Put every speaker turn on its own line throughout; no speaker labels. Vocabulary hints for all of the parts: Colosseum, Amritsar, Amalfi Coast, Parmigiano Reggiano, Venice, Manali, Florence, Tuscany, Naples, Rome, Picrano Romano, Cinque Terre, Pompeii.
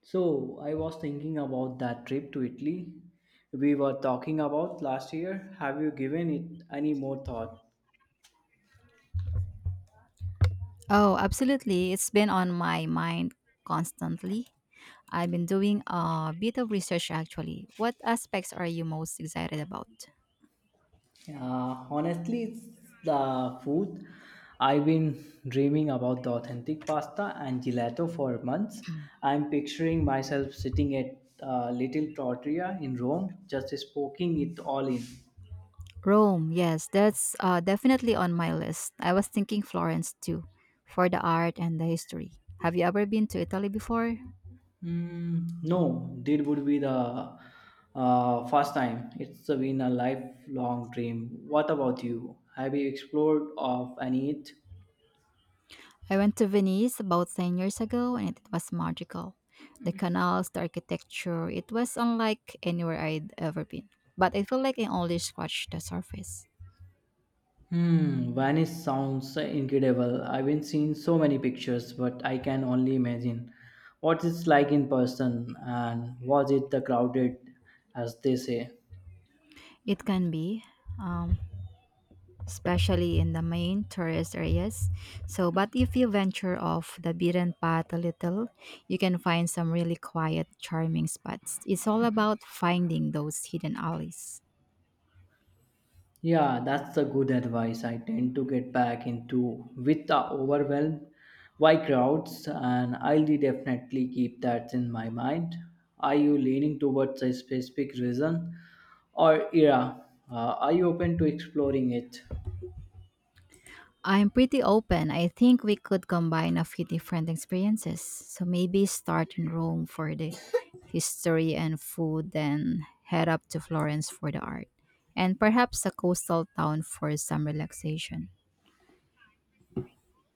So I was thinking about that trip to Italy we were talking about last year. Have you given it any more thought?
Oh, absolutely. It's been on my mind constantly. I've been doing a bit of research actually. What aspects are you most excited about?
Honestly, it's the food. I've been dreaming about the authentic pasta and gelato for months. I'm picturing myself sitting at a little trattoria in Rome, just soaking it all in.
Rome, yes, that's definitely on my list. I was thinking Florence too, for the art and the history. Have you ever been to Italy before?
Mm, no, that would be the first time. It's been a lifelong dream. What about you? Have you explored of any it?
I went to Venice about 10 years ago and it was magical. The canals, the architecture, it was unlike anywhere I'd ever been. But I feel like I only scratched the surface.
Hmm, Venice sounds incredible. I've been seeing so many pictures, but I can only imagine what it's like in person. And was it the crowded, as they say?
It can be, um, especially in the main tourist areas. So, but if you venture off the beaten path a little, you can find some really quiet, charming spots. It's all about finding those hidden alleys.
Yeah, that's a good advice. I tend to get back into with the overwhelmed by crowds, and I'll definitely keep that in my mind. Are you leaning towards a specific reason or era? Are you open to exploring it?
I'm pretty open. I think we could combine a few different experiences. So maybe start in Rome for the history and food, then head up to Florence for the art, and perhaps a coastal town for some relaxation.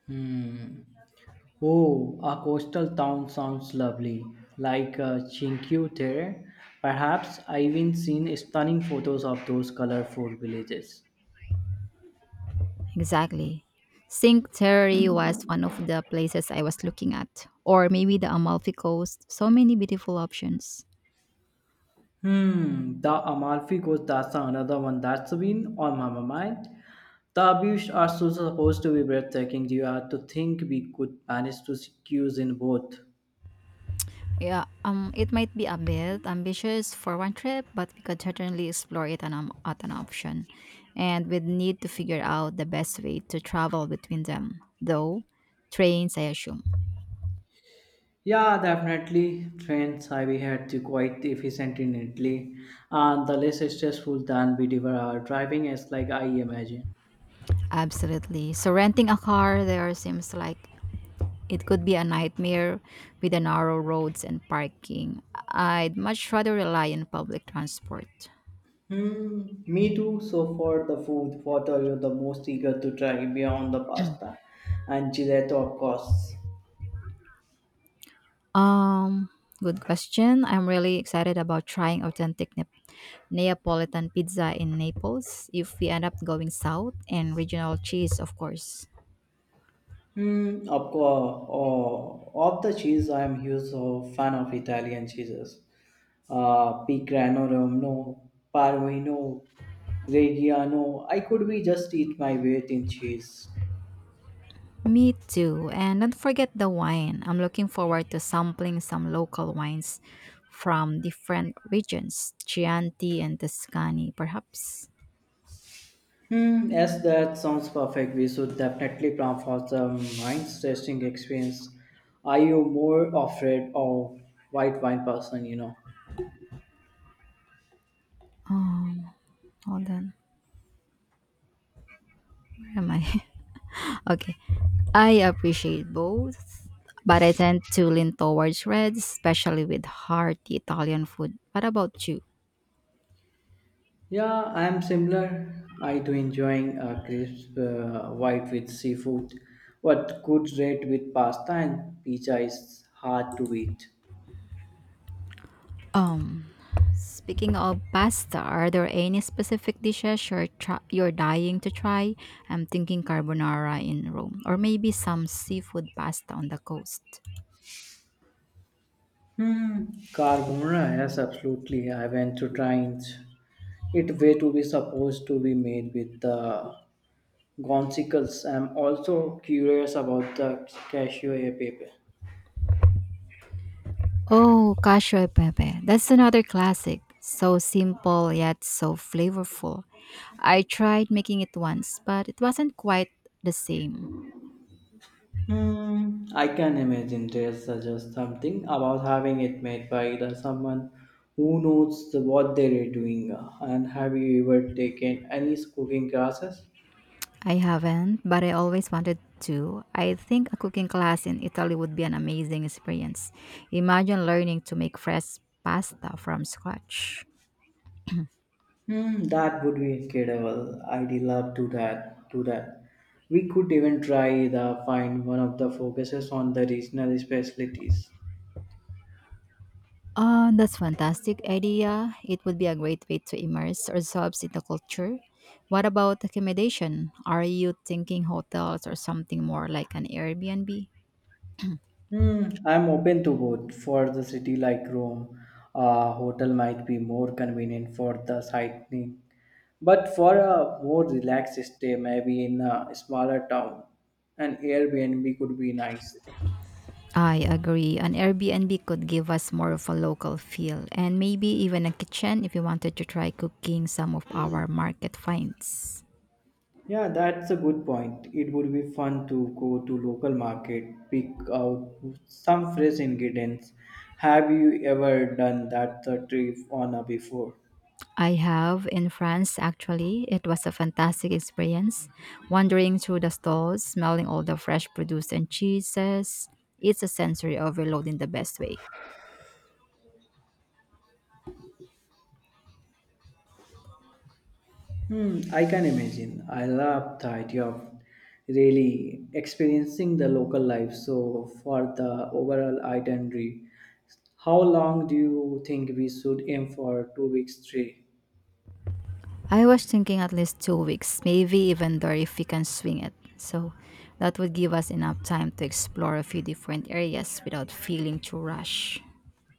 Hmm. Oh, a coastal town sounds lovely, like Cinque Terre. Perhaps I've even seen stunning photos of those colorful villages.
Exactly. Cinque Terre was one of the places I was looking at, or maybe the Amalfi Coast. So many beautiful options.
Hmm, the Amalfi Coast, that's another one that's been on my mind. The beaches are so supposed to be breathtaking. You have to think we could manage to squeeze in both.
Yeah, it might be a bit ambitious for one trip, but we could certainly explore it at an option, and we'd need to figure out the best way to travel between them, though. Trains, I assume.
Yeah, definitely. Trains I we had to quite efficient in Italy, and the less stressful than we were our driving is like I imagine.
Absolutely. So renting a car there seems like it could be a nightmare with the narrow roads and parking. I'd much rather rely on public transport.
Hmm, me too. So for the food, what are you the most eager to try beyond the pasta and gelato, of course?
Um, Good question. I'm really excited about trying authentic Neapolitan pizza in Naples if we end up going south and regional cheese, of course.
Hmm. Of the cheese, I am huge of fan of Italian cheeses. Picrano Romano, Parmigiano, Reggiano. I could be just eat my weight in cheese.
Me too. And don't forget the wine. I'm looking forward to sampling some local wines from different regions, Chianti and Tuscany, perhaps.
Hmm, yes, that sounds perfect. We should definitely plan for some mind-testing experience. Are you more afraid of white wine person, you know?
Um, Hold on. Where am I? Okay. I appreciate both, but I tend to lean towards red, especially with hearty Italian food. What about you?
Yeah, I am similar. I do enjoying crisp white with seafood, but good red with pasta and pizza is hard to beat.
Um, Speaking of pasta, are there any specific dishes you're dying to try? I'm thinking carbonara in Rome, or maybe some seafood pasta on the coast.
Hmm, carbonara, yes, absolutely. I went to trying it way to be supposed to be made with the gonzicles. I'm also curious about the cashew paper.
Oh, cacio e pepe. That's another classic. So simple yet so flavorful. I tried making it once, but it wasn't quite the same.
Hmm, I can imagine there's just something about having it made by the someone who knows the, what they're doing. And have you ever taken any cooking classes?
I haven't, but I always wanted to. I think a cooking class in Italy would be an amazing experience. Imagine learning to make fresh pasta from scratch.
Hmm, that would be incredible. I'd love to that. Do that. We could even try the find one of the focuses on the regional specialties.
Oh, that's fantastic idea. It would be a great way to immerse ourselves in the culture. What about accommodation? Are you thinking hotels or something more like an Airbnb?
Hmm, I'm open to both. For the city like Rome, a hotel might be more convenient for the sightseeing. But for a more relaxed stay, maybe in a smaller town, an Airbnb could be nice.
I agree. An Airbnb could give us more of a local feel and maybe even a kitchen if we wanted to try cooking some of our market finds.
Yeah, that's a good point. It would be fun to go to local market, pick out some fresh ingredients. Have you ever done that trip on a before?
I have in France actually. It was a fantastic experience wandering through the stalls, smelling all the fresh produce and cheeses. It's a sensory overload in the best way.
Hmm, I can imagine. I love the idea of really experiencing the local life. So for the overall itinerary, how long do you think we should aim for, 2 weeks, three?
I was thinking at least 2 weeks, maybe even there if we can swing it. So that would give us enough time to explore a few different areas without feeling too rushed.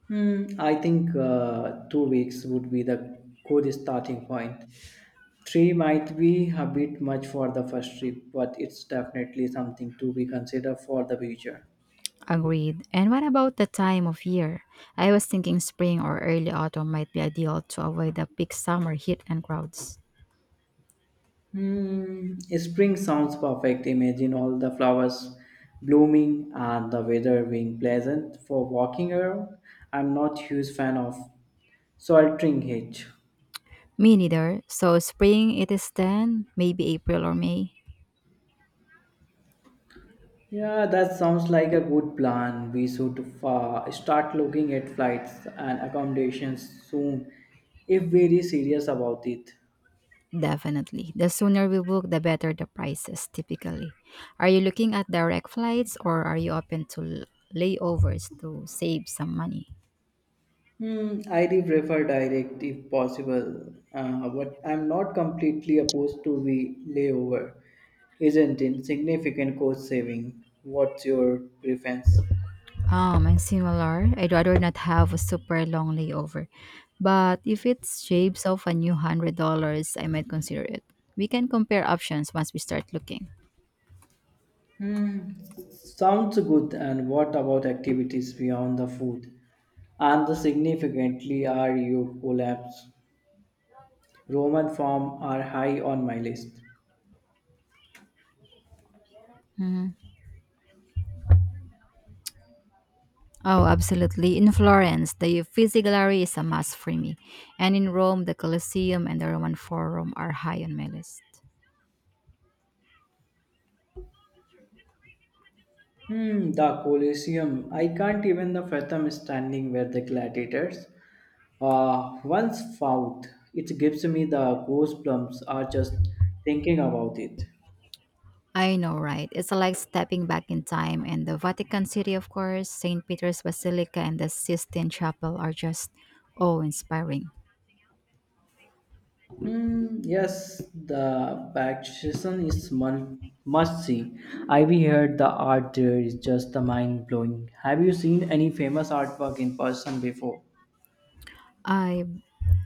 Hmm, I think 2 weeks would be the good starting point. Three might be a bit much for the first trip, but it's definitely something to be considered for the future.
Agreed. And what about the time of year? I was thinking spring or early autumn might be ideal to avoid the peak summer heat and crowds.
Hmm, spring sounds perfect. Imagine all the flowers blooming and the weather being pleasant for walking around. I'm not huge fan of sweltering heat.
Me neither. So spring it is then, maybe April or May.
Yeah, that sounds like a good plan. We should start looking at flights and accommodations soon if very serious about it.
Definitely. The sooner we book, the better the prices typically. Are you looking at direct flights or are you open to layovers to save some money?
Hmm, I do prefer direct if possible, but I'm not completely opposed to the layover. Isn't it significant cost saving? What's your preference?
Oh, mine similar. I'd rather not have a super long layover. But if it shapes off a new $100, I might consider it. We can compare options once we start looking.
Hmm, sounds good. And what about activities beyond the food? And the significantly are you collapse? Roman form are high on my list.
Oh, absolutely. In Florence, the Uffizi Gallery is a must for me. And in Rome, the Colosseum and the Roman Forum are high on my list.
Hmm, the Colosseum. I can't even the fathom standing where the gladiators once fought. It gives me the goosebumps are just thinking about it.
I know, right? It's like stepping back in time, and the Vatican City, of course, St. Peter's Basilica, and the Sistine Chapel are just awe inspiring.
Hmm, yes, the Baptism is must see. I've heard the art there is just the mind blowing. Have you seen any famous artwork in person before?
I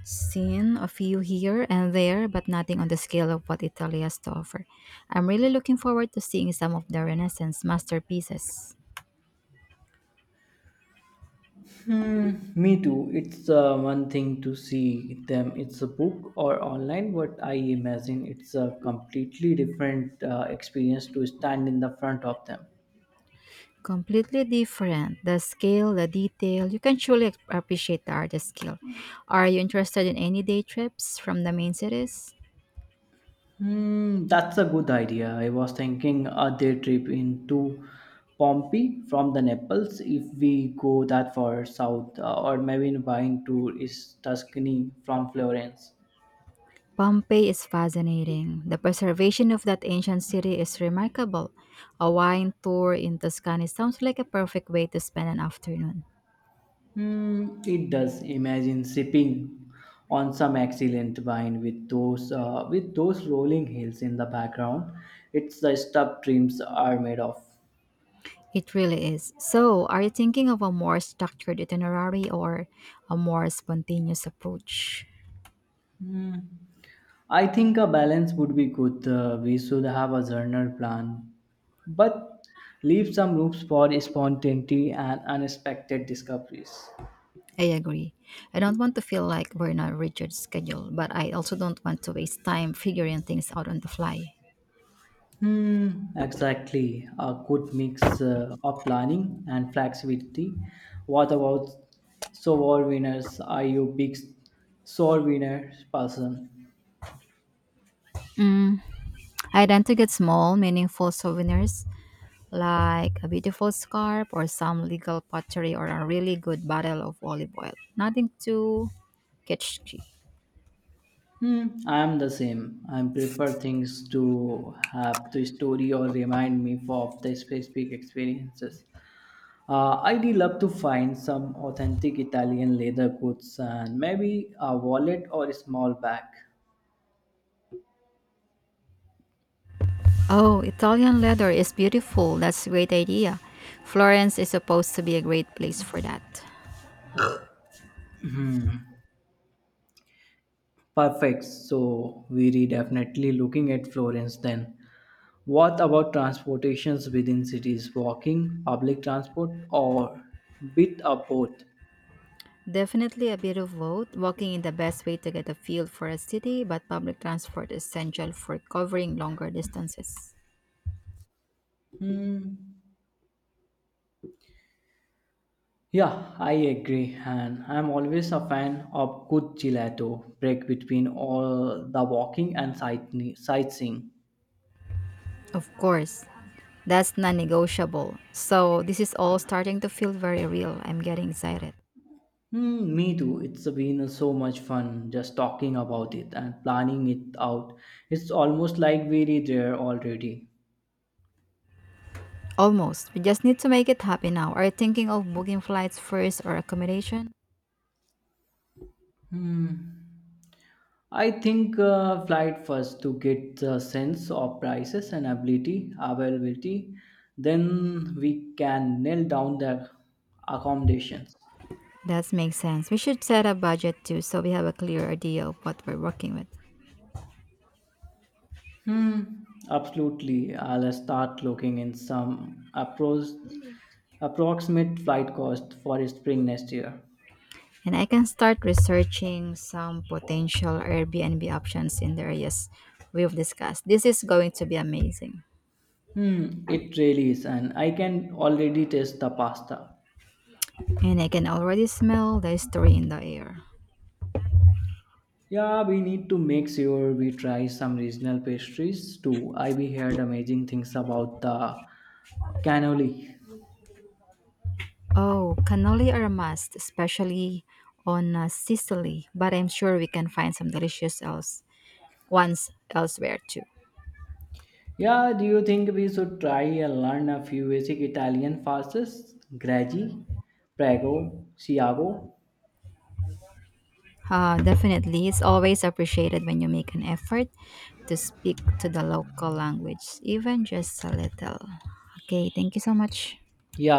seen a few here and there, but nothing on the scale of what Italy has to offer. I'm really looking forward to seeing some of the Renaissance masterpieces.
Mm, me too. It's one thing to see them. It's a book or online, but I imagine it's a completely different experience to stand in the front of them.
Completely different. The scale, the detail, you can truly appreciate the artist's skill. Are you interested in any day trips from the main cities?
Hmm, that's a good idea. I was thinking a day trip into Pompeii from the Naples if we go that far south, or maybe buying to is Tuscany from Florence.
Pompeii is fascinating. The preservation of that ancient city is remarkable. A wine tour in Tuscany sounds like a perfect way to spend an afternoon.
Hmm, it does. Imagine sipping on some excellent wine with those rolling hills in the background. It's the stuff dreams are made of.
It really is. So, are you thinking of a more structured itinerary or a more spontaneous approach?
I think a balance would be good. We should have a journal plan, but leave some room for spontaneity and unexpected discoveries.
I agree. I don't want to feel like we're in a rigid schedule, but I also don't want to waste time figuring things out on the fly.
Hmm, exactly. A good mix of planning and flexibility. What about sore winners? Are you big sore winner person?
I tend to get small, meaningful souvenirs like a beautiful scarf or some legal pottery or a really good bottle of olive oil. Nothing too kitschy.
Hmm, I am the same. I prefer things to have the story or remind me of the specific experiences. I'd love to find some authentic Italian leather goods and maybe a wallet or a small bag.
Oh, Italian leather is beautiful. That's a great idea. Florence is supposed to be a great place for that.
Perfect. So we are definitely looking at Florence then. What about transportations within cities? Walking, public transport, or bit of both?
Definitely a bit of both, walking is the best way to get a feel for a city, but public transport is essential for covering longer distances.
Hmm. Yeah, I agree, and I'm always a fan of good gelato break between all the walking and sightseeing.
Of course, that's non negotiable. So, this is all starting to feel very real. I'm getting excited.
Hmm, me too. It's been so much fun just talking about it and planning it out. It's almost like we're there already.
Almost. We just need to make it happen now. Are you thinking of booking flights first or accommodation?
Hmm. I think flight first to get the sense of prices and ability availability. Then we can nail down the accommodations.
That makes sense. We should set a budget too so we have a clear idea of what we're working with.
Hmm, absolutely. I'll start looking in some approximate flight cost for spring next year.
And I can start researching some potential Airbnb options in the areas we've discussed. This is going to be amazing.
Hmm, it really is, and I can already taste the pasta.
And I can already smell the history in the air.
Yeah, we need to make sure we try some regional pastries too. I we heard amazing things about the cannoli.
Oh, cannoli are a must, especially on Sicily, but I'm sure we can find some delicious else ones elsewhere too.
Yeah, do you think we should try and learn a few basic Italian pastas? Graggi, Prego, Siago?
Definitely, it's always appreciated when you make an effort to speak to the local language, even just a little. Okay, thank you so much.
Yeah,